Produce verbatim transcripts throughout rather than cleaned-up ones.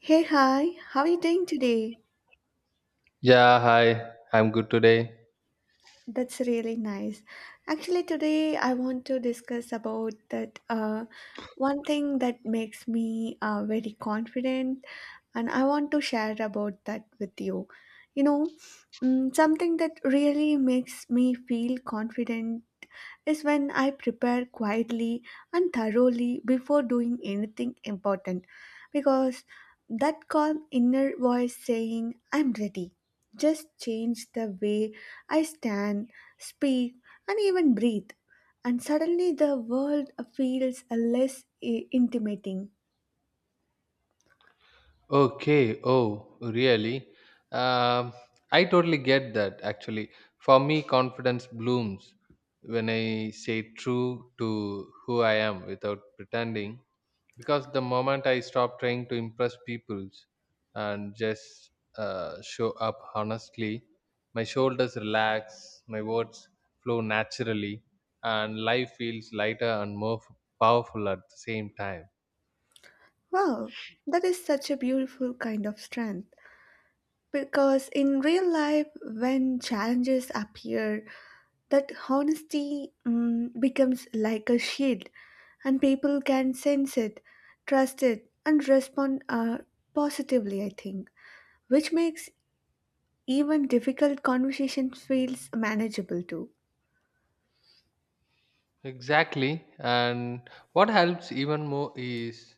Hey, hi, how are you doing today? Yeah, hi. I'm good today. That's really nice. Actually, today I want to discuss about that uh, one thing that makes me uh, very confident, and I want to share about that with you. You know, mm, something that really makes me feel confident is when I prepare quietly and thoroughly before doing anything important because that calm inner voice saying, I'm ready, just changed the way I stand, speak, and even breathe. And suddenly the world feels less eh, intimidating. Okay. Oh, really? Um, I totally get that actually. For me, confidence blooms when I say true to who I am without pretending, because the moment I stop trying to impress people and just uh, show up honestly, my shoulders relax, my words flow naturally, and life feels lighter and more f- powerful at the same time. Wow, that is such a beautiful kind of strength. Because in real life, when challenges appear, that honesty mm, becomes like a shield, and people can sense it, trust it, and respond uh, positively, I think, which makes even difficult conversations feels manageable too. Exactly. And what helps even more is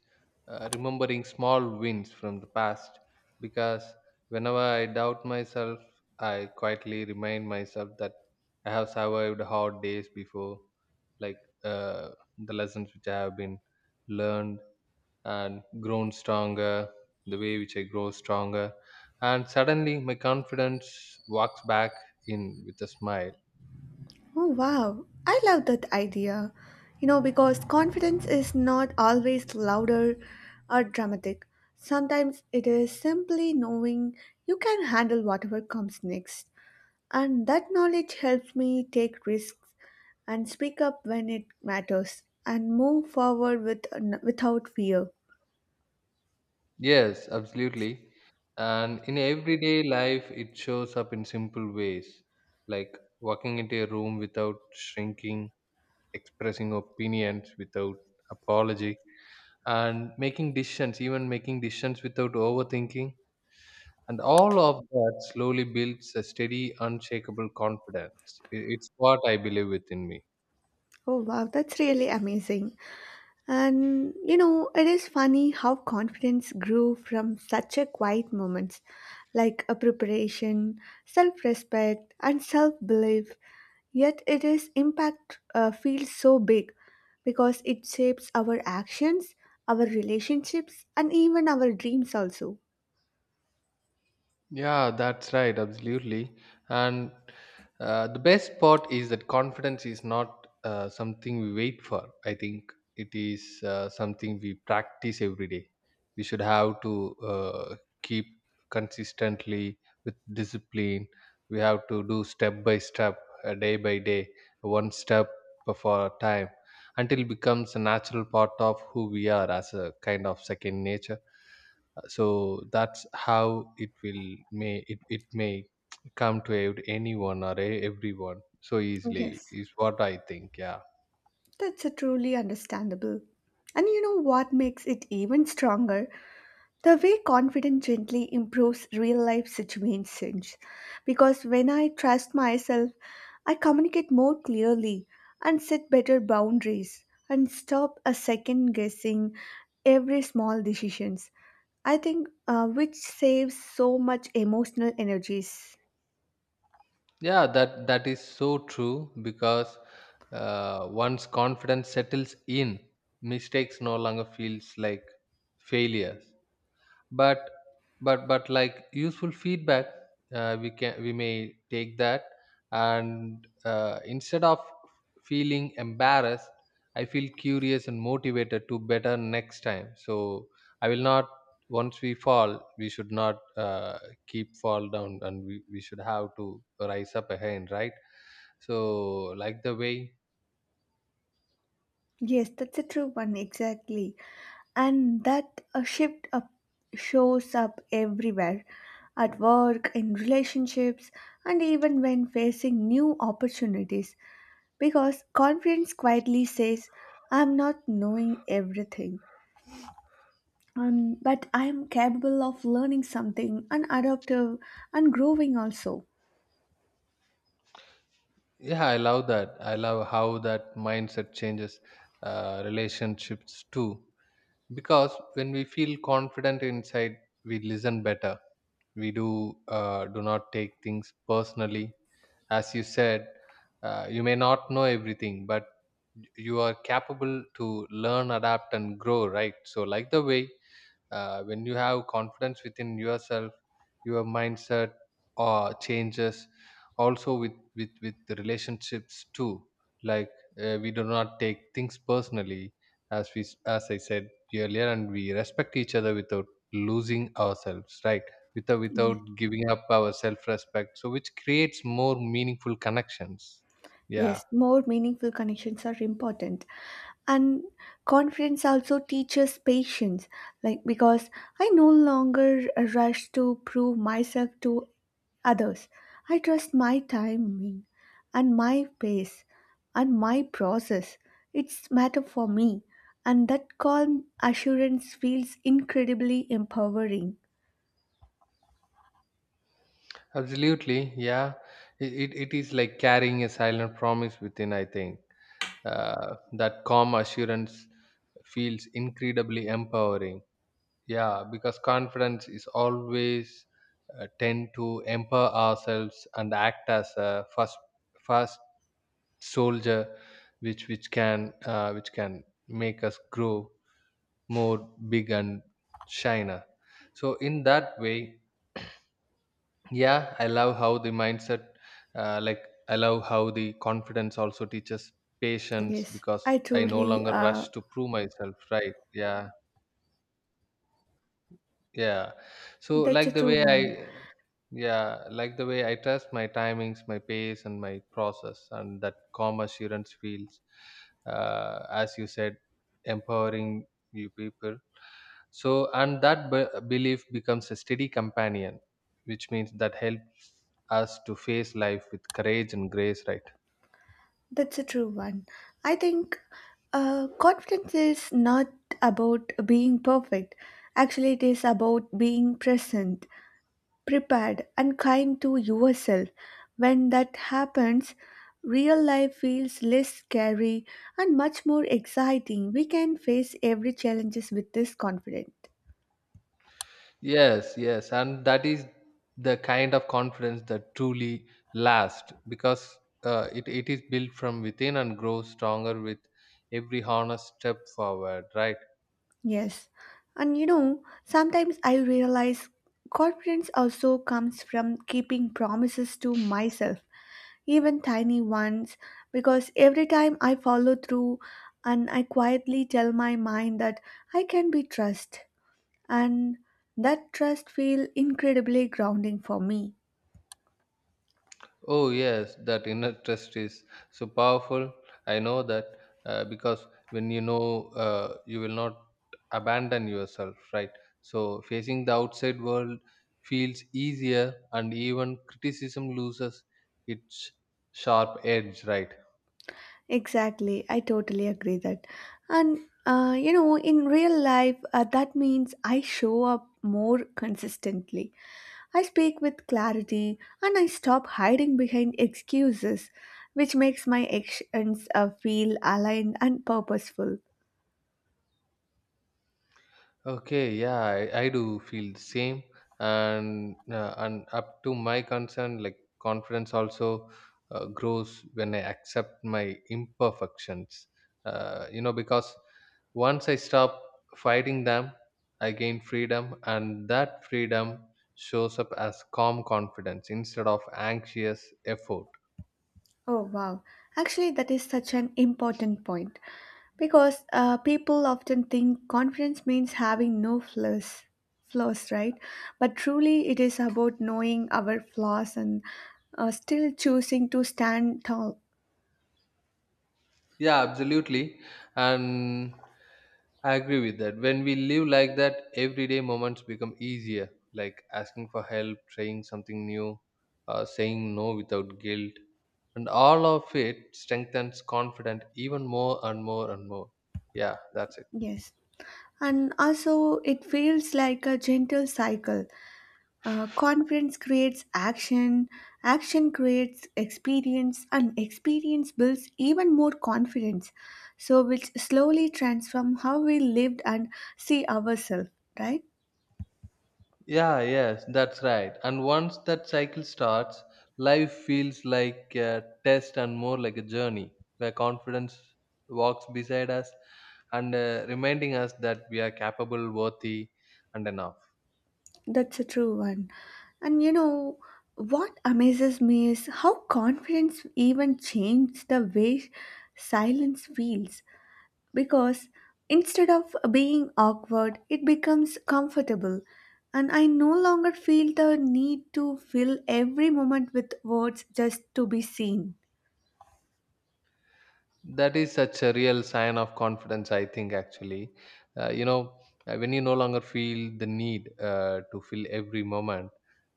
uh, remembering small wins from the past, because whenever I doubt myself, I quietly remind myself that I have survived hard days before, like uh, the lessons which I have been learned and grown stronger, the way which I grow stronger. And suddenly my confidence walks back in with a smile. Oh, wow. I love that idea. You know, because confidence is not always louder or dramatic. Sometimes it is simply knowing you can handle whatever comes next. And that knowledge helps me take risks and speak up when it matters and move forward with, without fear. Yes, absolutely. And in everyday life, it shows up in simple ways, like walking into a room without shrinking, expressing opinions without apology, and making decisions, even making decisions without overthinking. And all of that slowly builds a steady, unshakable confidence. I- It's what I believe within me. Oh, wow. That's really amazing. And you know, it is funny how confidence grew from such a quiet moments like a preparation, self respect, and self belief. Yet it is impact uh, feels so big because it shapes our actions, our relationships, and even our dreams also. Yeah, that's right, absolutely. And uh, the best part is that confidence is not uh, something we wait for. I think it is uh, something we practice every day. We should have to uh, keep consistently with discipline. We have to do step by step, uh, day by day, one step for a time until it becomes a natural part of who we are, as a kind of second nature. So that's how it will may it, it may come to ev- anyone or e- everyone so easily, Yes, is what I think. Yeah, that's a truly understandable. And you know what makes it even stronger? The way confidence gently improves real life situations because when I trust myself, I communicate more clearly and set better boundaries and stop a second guessing every small decisions. I think uh, which saves so much emotional energies. yeah, that that is so true, because uh, once confidence settles in, mistakes no longer feels like failures, but but but like useful feedback. Uh, we can we may take that, and uh, instead of feeling embarrassed, I feel curious and motivated to better next time. So I will not, once we fall, we should not uh, keep fall down, and we, we should have to rise up again, right? So like the way. Yes, that's a true one exactly. And that uh, shift up shows up everywhere at work in relationships and even when facing new opportunities because confidence quietly says I'm not knowing everything um, but I am capable of learning something and adaptive and growing also. Yeah, I love that. I love how that mindset changes uh, relationships too, because when we feel confident inside, we listen better, we do uh, do not take things personally. As you said, uh, you may not know everything, but you are capable to learn, adapt and grow, right? So like the way, uh, when you have confidence within yourself, your mindset uh, changes also with with with the relationships too. Like, uh, we do not take things personally, as we s- as i said earlier, and we respect each other without losing ourselves, right? Without without Yes, giving up our self respect, so which creates more meaningful connections. Yeah, yes, more meaningful connections are important and confidence also teaches patience like because I no longer rush to prove myself to others. I trust my timing and my pace and my process. It's matter for me and that calm assurance feels incredibly empowering. absolutely. Yeah, it, it, it is like carrying a silent promise within, I think. Uh, that calm assurance feels incredibly empowering. Yeah, because confidence is always uh, tend to empower ourselves, and act as a first first soldier, which which can uh, which can make us grow more big and shiner, so in that way. Yeah, I love how the mindset, uh, like I love how the confidence also teaches patience, Yes because I I no truly longer uh, rush to prove myself, right? Yeah, yeah. So That's a like the true way one. I, yeah, like the way I trust my timings, my pace and my process, and that calm assurance feels, uh, as you said, empowering you people. So, and that be- belief becomes a steady companion, which means that helps us to face life with courage and grace, right? That's a true one. I think uh, confidence is not about being perfect. Actually, it is about being present, prepared, and kind to yourself. When that happens, real life feels less scary and much more exciting. We can face every challenges with this confidence. Yes, yes, and that is the kind of confidence that truly lasts, because uh, it, it is built from within and grows stronger with every honest step forward, right? Yes. And you know, sometimes I realize confidence also comes from keeping promises to myself even tiny ones, because every time I follow through and I quietly tell my mind that I can be trust and that trust feel incredibly grounding for me. Oh, yes, that inner trust is so powerful. I know that, uh, because when you know uh, you will not abandon yourself, right? So facing the outside world feels easier, and even criticism loses its sharp edge, right? Exactly, I totally agree that. And uh, you know, in real life, uh, that means I show up more consistently. I speak with clarity and I stop hiding behind excuses, which makes my actions uh, feel aligned and purposeful. Okay, yeah, I, I do feel the same, and uh, and up to my concern, like confidence also uh, grows when I accept my imperfections. Uh, you know, because once I stop fighting them, I gain freedom, and that freedom shows up as calm confidence instead of anxious effort. Oh, wow. Actually, that is such an important point because uh, people often think confidence means having no flaws, flaws, right? But truly, it is about knowing our flaws and uh, still choosing to stand tall. Yeah, absolutely. And I agree with that. When we live like that, everyday moments become easier, like asking for help, trying something new, uh, saying no without guilt. And all of it strengthens confidence even more and more and more. Yeah, that's it. Yes. And also, it feels like a gentle cycle. Uh, confidence creates action, action creates experience, and experience builds even more confidence. So, which slowly transforms how we lived and see ourselves, right? Yeah, yes, that's right. And once that cycle starts, life feels like a test and more like a journey where confidence walks beside us and uh, reminding us that we are capable, worthy, and enough. That's a true one. And you know, what amazes me is how confidence even changed the way silence feels. Because instead of being awkward, it becomes comfortable. And I no longer feel the need to fill every moment with words just to be seen. That is such a real sign of confidence, I think, actually. Uh, you know, uh, when you no longer feel the need uh, to fill every moment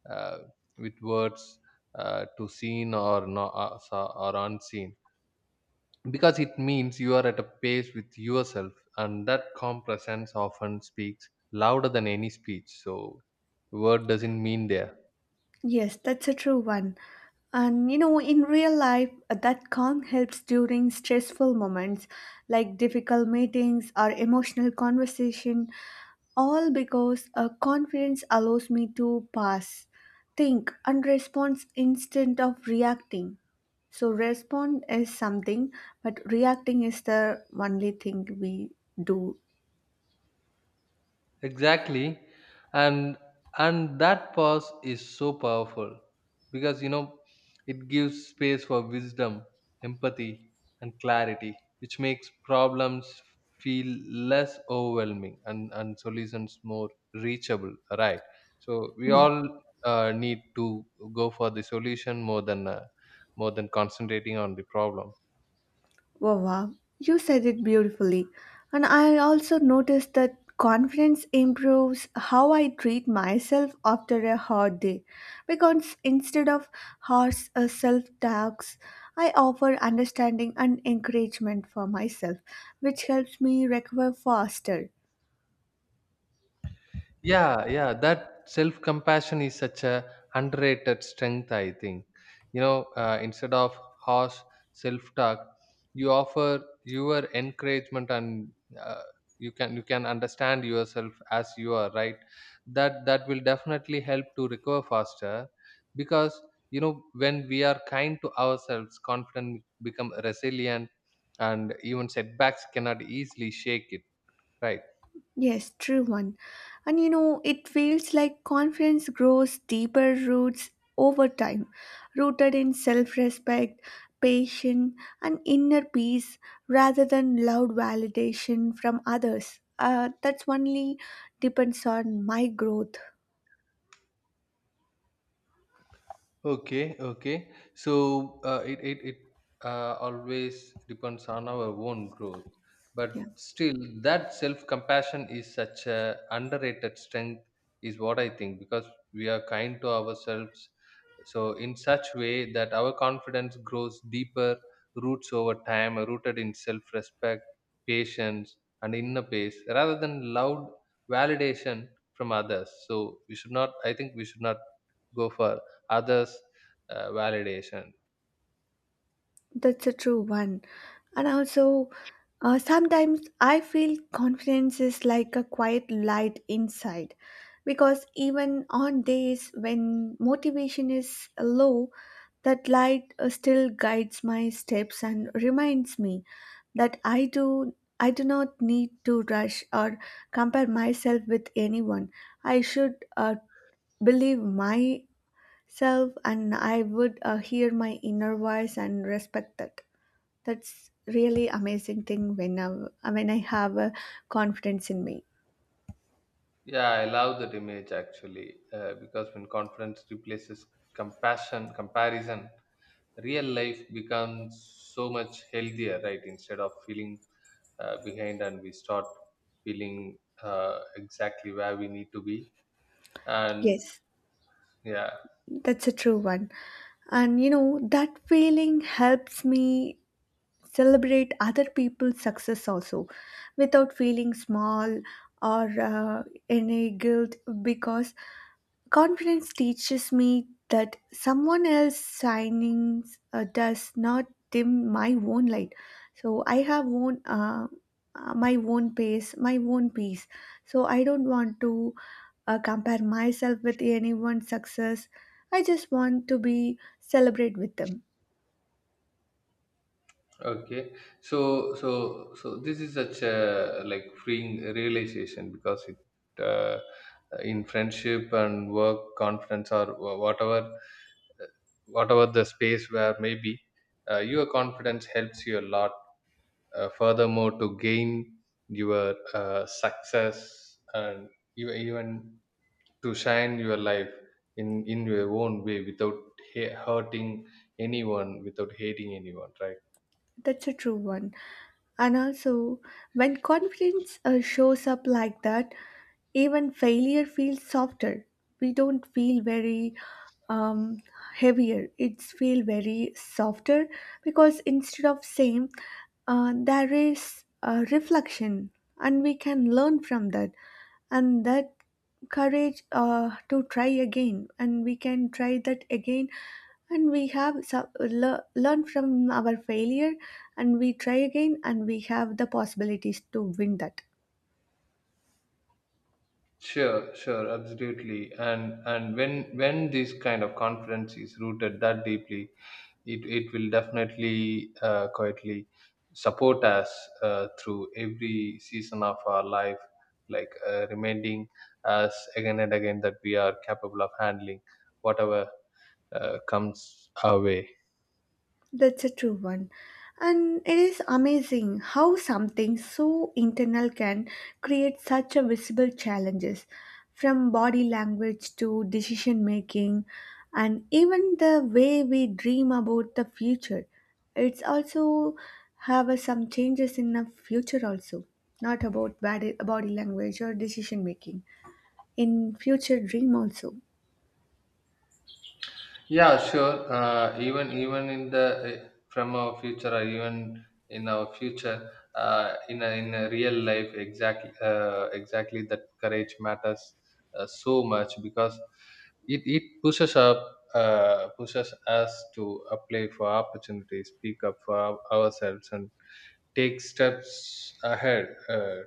uh, with words uh, to seen or, no, uh, so, or unseen, because it means you are at a pace with yourself, and that calm presence often speaks louder than any speech, so word doesn't mean there. Yes, that's a true one. And you know, in real life, uh, that calm helps during stressful moments like difficult meetings or emotional conversation. All because a confidence allows me to pass, think, and respond instead of reacting. So, respond is something, but reacting is the only thing we do. Exactly. And and that pause is so powerful, because you know, it gives space for wisdom, empathy and clarity, which makes problems feel less overwhelming, and, and solutions more reachable. Right. So we uh, all uh, need to go for the solution, more than uh, more than concentrating on the problem. Wow, you said it beautifully. And I also noticed that confidence improves how I treat myself after a hard day. Because instead of harsh self talks, I offer understanding and encouragement for myself, which helps me recover faster. Yeah, yeah, that self compassion is such a underrated strength, I think. You know, uh, instead of harsh self talk, you offer your encouragement, and uh, you can you can understand yourself as you are, right? That that will definitely help to recover faster, because you know, when we are kind to ourselves, confidence become resilient, and even setbacks cannot easily shake it, right? Yes, true one. And you know, it feels like confidence grows deeper roots over time, rooted in self respect, patience, and inner peace rather than loud validation from others. Uh, that's only depends on my growth. Okay, okay. So uh, it it it uh, always depends on our own growth, but Yeah. still, that self compassion is such a underrated strength, is what I think, because we are kind to ourselves, so in such way that our confidence grows deeper, roots over time, rooted in self respect, patience, and inner peace, rather than loud validation from others. So we should not. I think we should not go for others uh, validation. That's a true one. And also, uh, sometimes I feel confidence is like a quiet light inside because even on days when motivation is low, that light uh, still guides my steps and reminds me that I do I do not need to rush or compare myself with anyone. I should uh, believe my self and I would uh, hear my inner voice and respect that. That's really amazing thing when I, when I have a confidence in me. Yeah, I love that image actually, uh, because when confidence replaces compassion comparison, real life becomes so much healthier, right? Instead of feeling uh, behind, and we start feeling uh, exactly where we need to be, and Yes, yeah. that's a true one. And you know, that feeling helps me celebrate other people's success also without feeling small or uh, any guilt because confidence teaches me that someone else's signings uh, does not dim my own light. So I have own uh, uh, my own pace, my own peace. So I don't want to uh, compare myself with anyone's success. I just want to be celebrate with them. Okay, so so so this is such a like freeing realization, because it, uh, in friendship and work, confidence or wha- whatever uh, whatever the space, where maybe uh, your confidence helps you a lot. Uh, furthermore, to gain your uh, success, and you even to shine your life in in your own way without ha- hurting anyone, without hating anyone, right? That's a true one. And also, when confidence uh, shows up like that, even failure feels softer. We don't feel very um, heavier. It's feel very softer because instead of same, uh, there is a reflection, and we can learn from that, and that courage uh, to try again, and we can try that again, and we have so- le- learn from our failure, and we try again, and we have the possibilities to win that. Sure, sure, absolutely. And and when when this kind of confidence is rooted that deeply, it it will definitely uh, quietly support us uh, through every season of our life, like uh, reminding us again and again that we are capable of handling whatever uh, comes our way. That's a true one. And it is amazing how something so internal can create such a visible challenges from body language to decision making and even the way we dream about the future. It's also have uh, some changes in the future also, not about body, body language or decision making. In future dream also. Yeah, sure. Uh, even even in the eh, from our future, or even in our future, uh, in a, in a real life, exactly uh, exactly that courage matters uh, so much, because it it pushes up uh, pushes us to apply for opportunities, speak up for our- ourselves, and take steps ahead uh,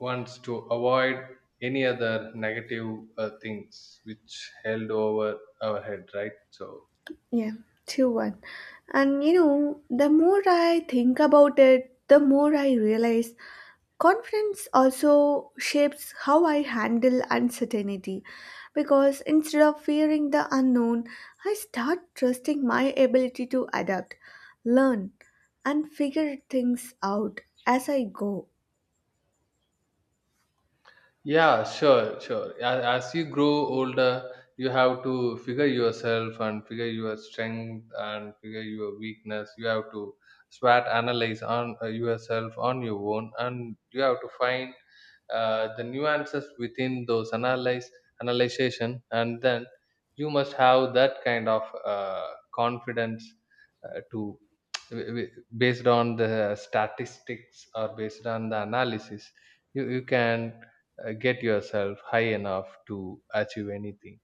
once to avoid any other negative uh, things which held over our head. Right, so. Yeah, two one. And you know, the more I think about it, the more I realize confidence also shapes how I handle uncertainty. Because instead of fearing the unknown, I start trusting my ability to adapt, learn, and figure things out as I go. Yeah, sure, sure. As, as you grow older, you have to figure yourself and figure your strength and figure your weakness. You have to SWOT analyze on uh, yourself on your own, and you have to find uh, the nuances within those analyze analyzation, and then you must have that kind of uh, confidence uh, to w- w- based on the statistics or based on the analysis, you, you can uh, get yourself high enough to achieve anything.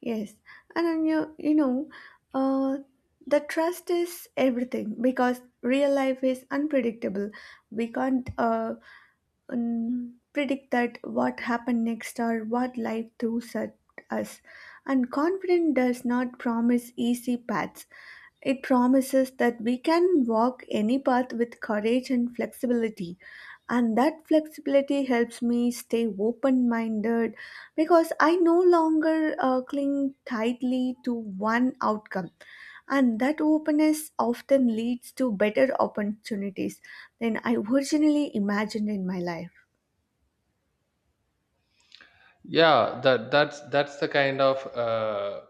Yes, and then you you know, uh, the trust is everything because real life is unpredictable. We can't uh, um, predict that what happened next or what life throws at us. And confidence does not promise easy paths. It promises that we can walk any path with courage and flexibility. And that flexibility helps me stay open minded because I no longer uh, cling tightly to one outcome and that openness often leads to better opportunities than I originally imagined in my life. Yeah, that that's that's the kind of uh,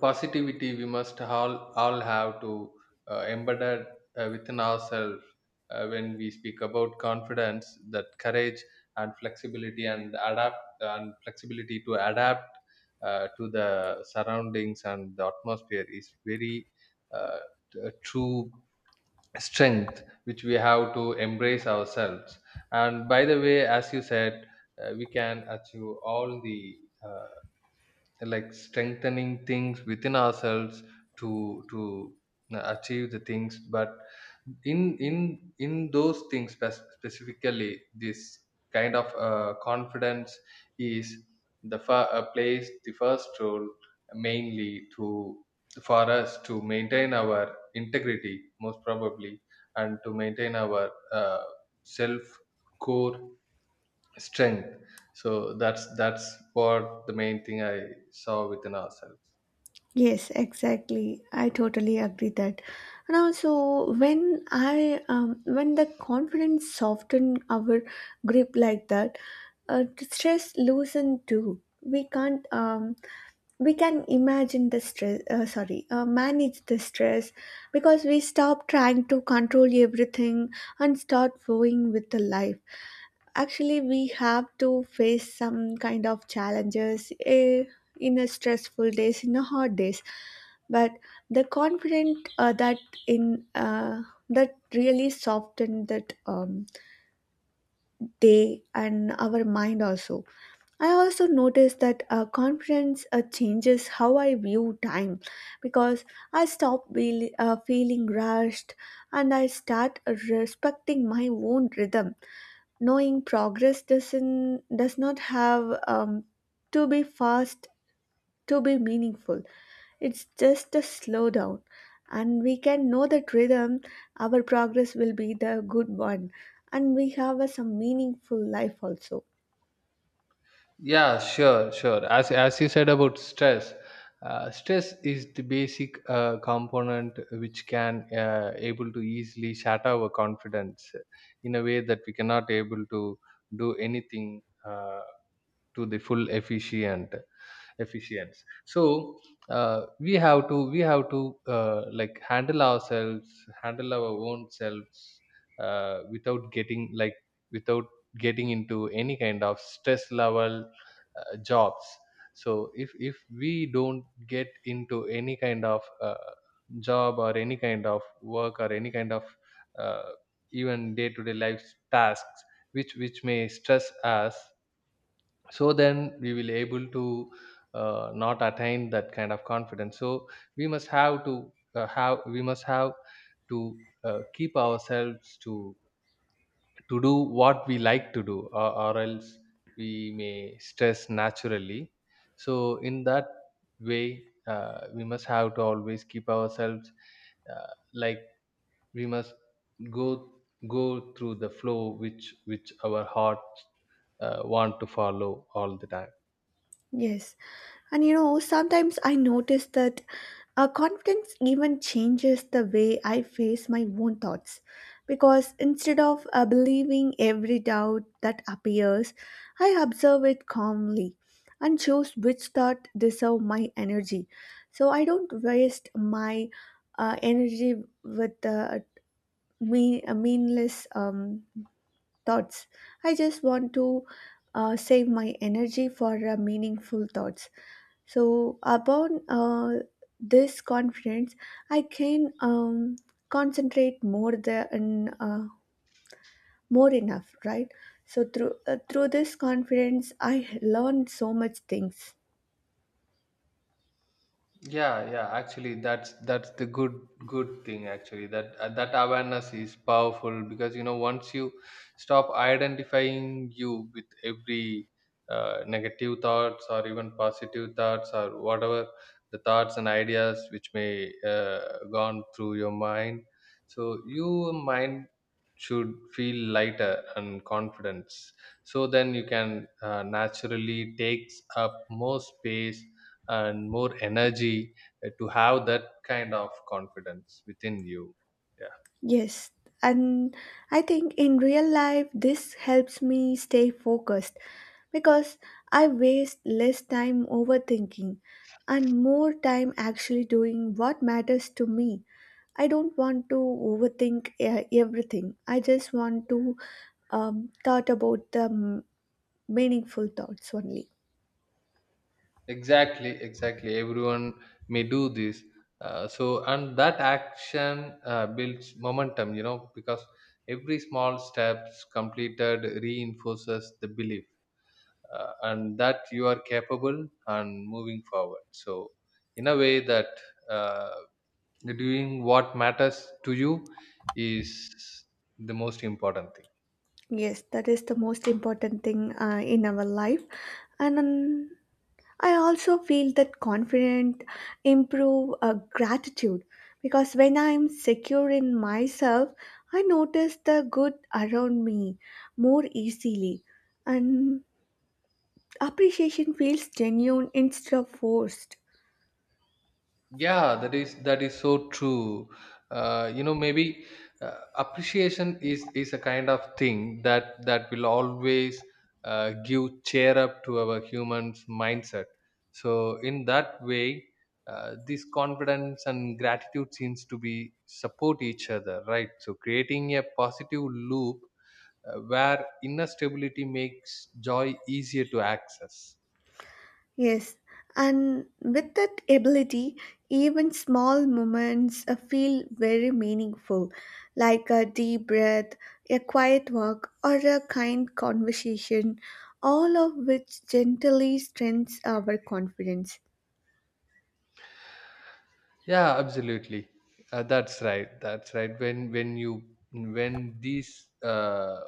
positivity we must all all have to uh, embedded uh, within ourselves uh, when we speak about confidence. That courage and flexibility and adapt and flexibility to adapt uh, to the surroundings and the atmosphere is very uh, t- a true strength which we have to embrace ourselves. And by the way, as you said, uh, we can achieve all the uh, like strengthening things within ourselves to to uh, achieve the things. But in in in those things, spec- specifically, this kind of uh, confidence is the fir- uh, plays the first role, mainly to, for us, to maintain our integrity most probably, and to maintain our uh, self core strength. So that's that's what the main thing I saw within ourselves. Yes, exactly. I totally agree that. And also, when I um, when the confidence soften our grip like that, uh, the stress loosen too. We can't um, we can imagine the stress. Uh, sorry, uh, manage the stress because we stop trying to control everything and start flowing with the life. Actually, we have to face some kind of challenges eh, in a stressful days, in a hard days. But the confident uh, that in uh, that really softened that um, day and our mind also. I also noticed that uh, confidence uh, changes how I view time because I stop be- uh, feeling rushed and I start respecting my own rhythm knowing progress doesn't does not have um, to be fast to be meaningful. It's just a slowdown and we can know that rhythm our progress will be the good one and we have a, some meaningful life also. Yeah, sure sure, as as you said about stress, uh, stress is the basic uh, component which can uh, able to easily shatter our confidence in a way that we cannot able to do anything uh, to the full efficient efficiency. So uh, we have to we have to uh, like handle ourselves, handle our own selves uh, without getting like, without getting into any kind of stress level uh, jobs. So if if we don't get into any kind of uh, job or any kind of work or any kind of uh, even day to day life tasks which which may stress us, so then we will able to uh, not attain that kind of confidence. So we must have to uh, have we must have to uh, keep ourselves to to do what we like to do, or, or else we may stress naturally. So in that way, uh, we must have to always keep ourselves uh, like, we must go, go through the flow which which our hearts uh, want to follow all the time. Yes, and you know sometimes I notice that Uh, confidence even changes the way I face my own thoughts because instead of uh, believing every doubt that appears, I observe it calmly and choose which thought deserve my energy. So I don't waste my uh, energy with uh, mean, uh, meaningless um, thoughts. I just want to uh, save my energy for uh, meaningful thoughts. So upon uh, this confidence, I can um, concentrate more than uh, more enough, right? So through uh, through this confidence, I learned so much things. Yeah, yeah, actually that's that's the good good thing, actually, that uh, that awareness is powerful, because you know, once you stop identifying you with every uh, negative thoughts or even positive thoughts or whatever the thoughts and ideas which may uh, gone through your mind, so your mind should feel lighter and confidence. So then you can uh, naturally takes up more space and more energy uh, to have that kind of confidence within you. Yeah. Yes, and I think in real life, this helps me stay focused because I waste less time overthinking and more time actually doing what matters to me. I don't want to overthink uh, everything. I just want to um, thought about the m- meaningful thoughts only. Exactly exactly, everyone may do this, uh, so, and that action uh, builds momentum, you know, because every small steps completed reinforces the belief uh, and that you are capable and moving forward. So in a way that uh, doing what matters to you is the most important thing. Yes, that is the most important thing uh, in our life. And um, I also feel that confident improve uh, gratitude because when I am secure in myself, I notice the good around me more easily, and appreciation feels genuine instead of forced. Yeah, that is that is so true. Uh, you know, maybe uh, appreciation is is a kind of thing that that will always uh, give cheer up to our humans mindset. So in that way, uh, this confidence and gratitude seems to be support each other, right? So creating a positive loop uh, where inner stability makes joy easier to access. Yes, and with that ability, even small moments uh, feel very meaningful, like a deep breath, a quiet walk, or a kind conversation, all of which gently strengthens our confidence. Yeah, absolutely. uh, that's right that's right, when when you when these uh,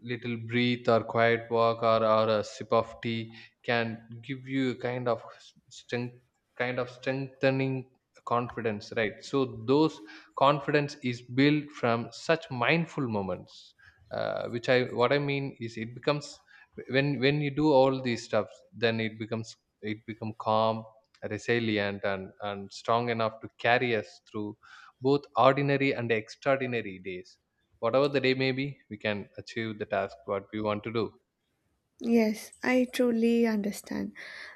little breathe or quiet walk, or, or a sip of tea can give you a kind of strength, kind of strengthening confidence, right? So those confidence is built from such mindful moments, uh, which I what I mean is, it becomes, when when you do all these stuff, then it becomes, it become calm, resilient, and and strong enough to carry us through both ordinary and extraordinary days. Whatever the day may be, we can achieve the task what we want to do. Yes, I truly understand.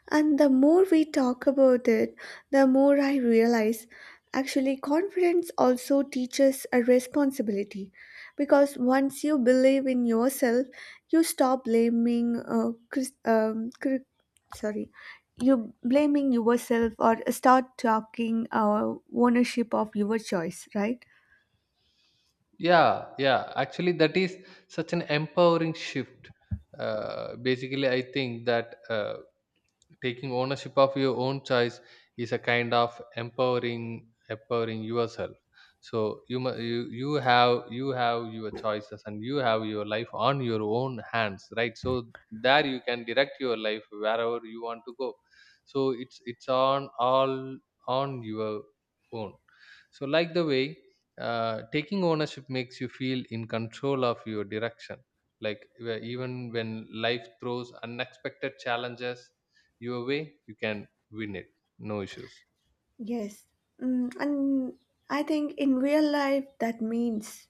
And the more we talk about it, the more I realize actually confidence also teaches a responsibility because once you believe in yourself, you stop blaming uh, cris- um, cri- sorry, you blaming yourself or start talking uh, ownership of your choice, right? Yeah, yeah, actually that is such an empowering shift. Uh, basically, I think that uh, taking ownership of your own choice is a kind of empowering, empowering yourself. So you mu- you you have, you have your choices and you have your life on your own hands, right? So there you can direct your life wherever you want to go. So it's it's on all, on your own. So like the way uh, taking ownership makes you feel in control of your direction, like where, even when life throws unexpected challenges your way, you can win it, no issues. Yes. Mm, and I think in real life that means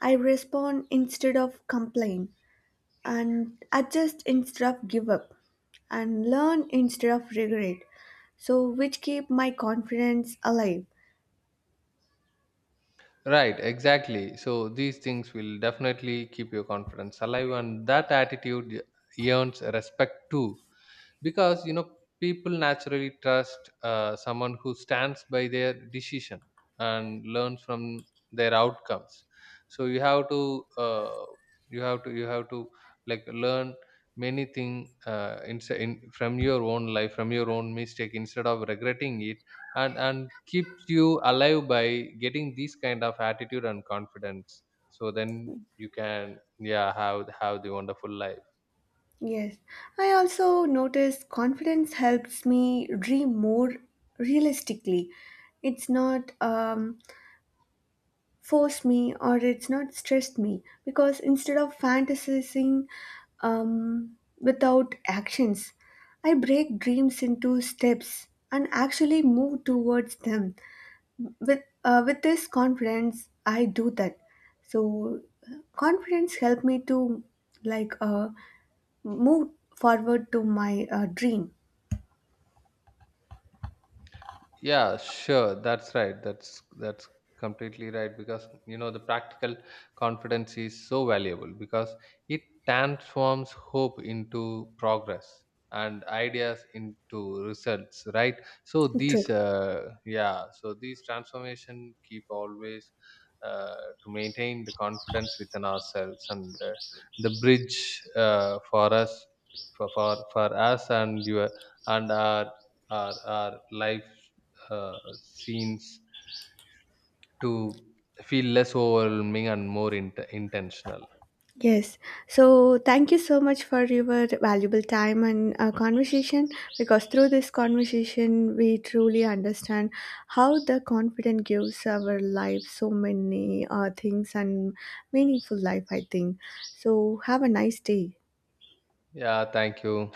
I respond instead of complain and adjust instead of give up and learn instead of regret. So which keep my confidence alive. Right, exactly, so these things will definitely keep your confidence alive. And that attitude earns respect too, because you know, people naturally trust uh, someone who stands by their decision and learns from their outcomes. So you have to uh, you have to you have to like learn many thing uh, in, in from your own life from your own mistake instead of regretting it. And and keeps you alive by getting these kind of attitude and confidence. So then you can, yeah, have have the wonderful life. Yes. I also notice confidence helps me dream more realistically. It's not um forced me or it's not stressed me because instead of fantasizing um, without actions, I break dreams into steps and actually move towards them. With uh, with this confidence, I do that. So uh, confidence helped me to like uh, move forward to my uh, dream. Yeah, sure, that's right, that's that's completely right, because you know the practical confidence is so valuable because it transforms hope into progress and ideas into results, right? So True. these uh, yeah, so these transformation keep always uh, to maintain the confidence within ourselves, and uh, the bridge uh, for us, for, for for us and your and our, our, our life uh, scenes to feel less overwhelming and more int- intentional. Yes. So thank you so much for your valuable time and uh, conversation because through this conversation, we truly understand how the confidence gives our life so many uh, things and meaningful life, I think. So have a nice day. Yeah, thank you.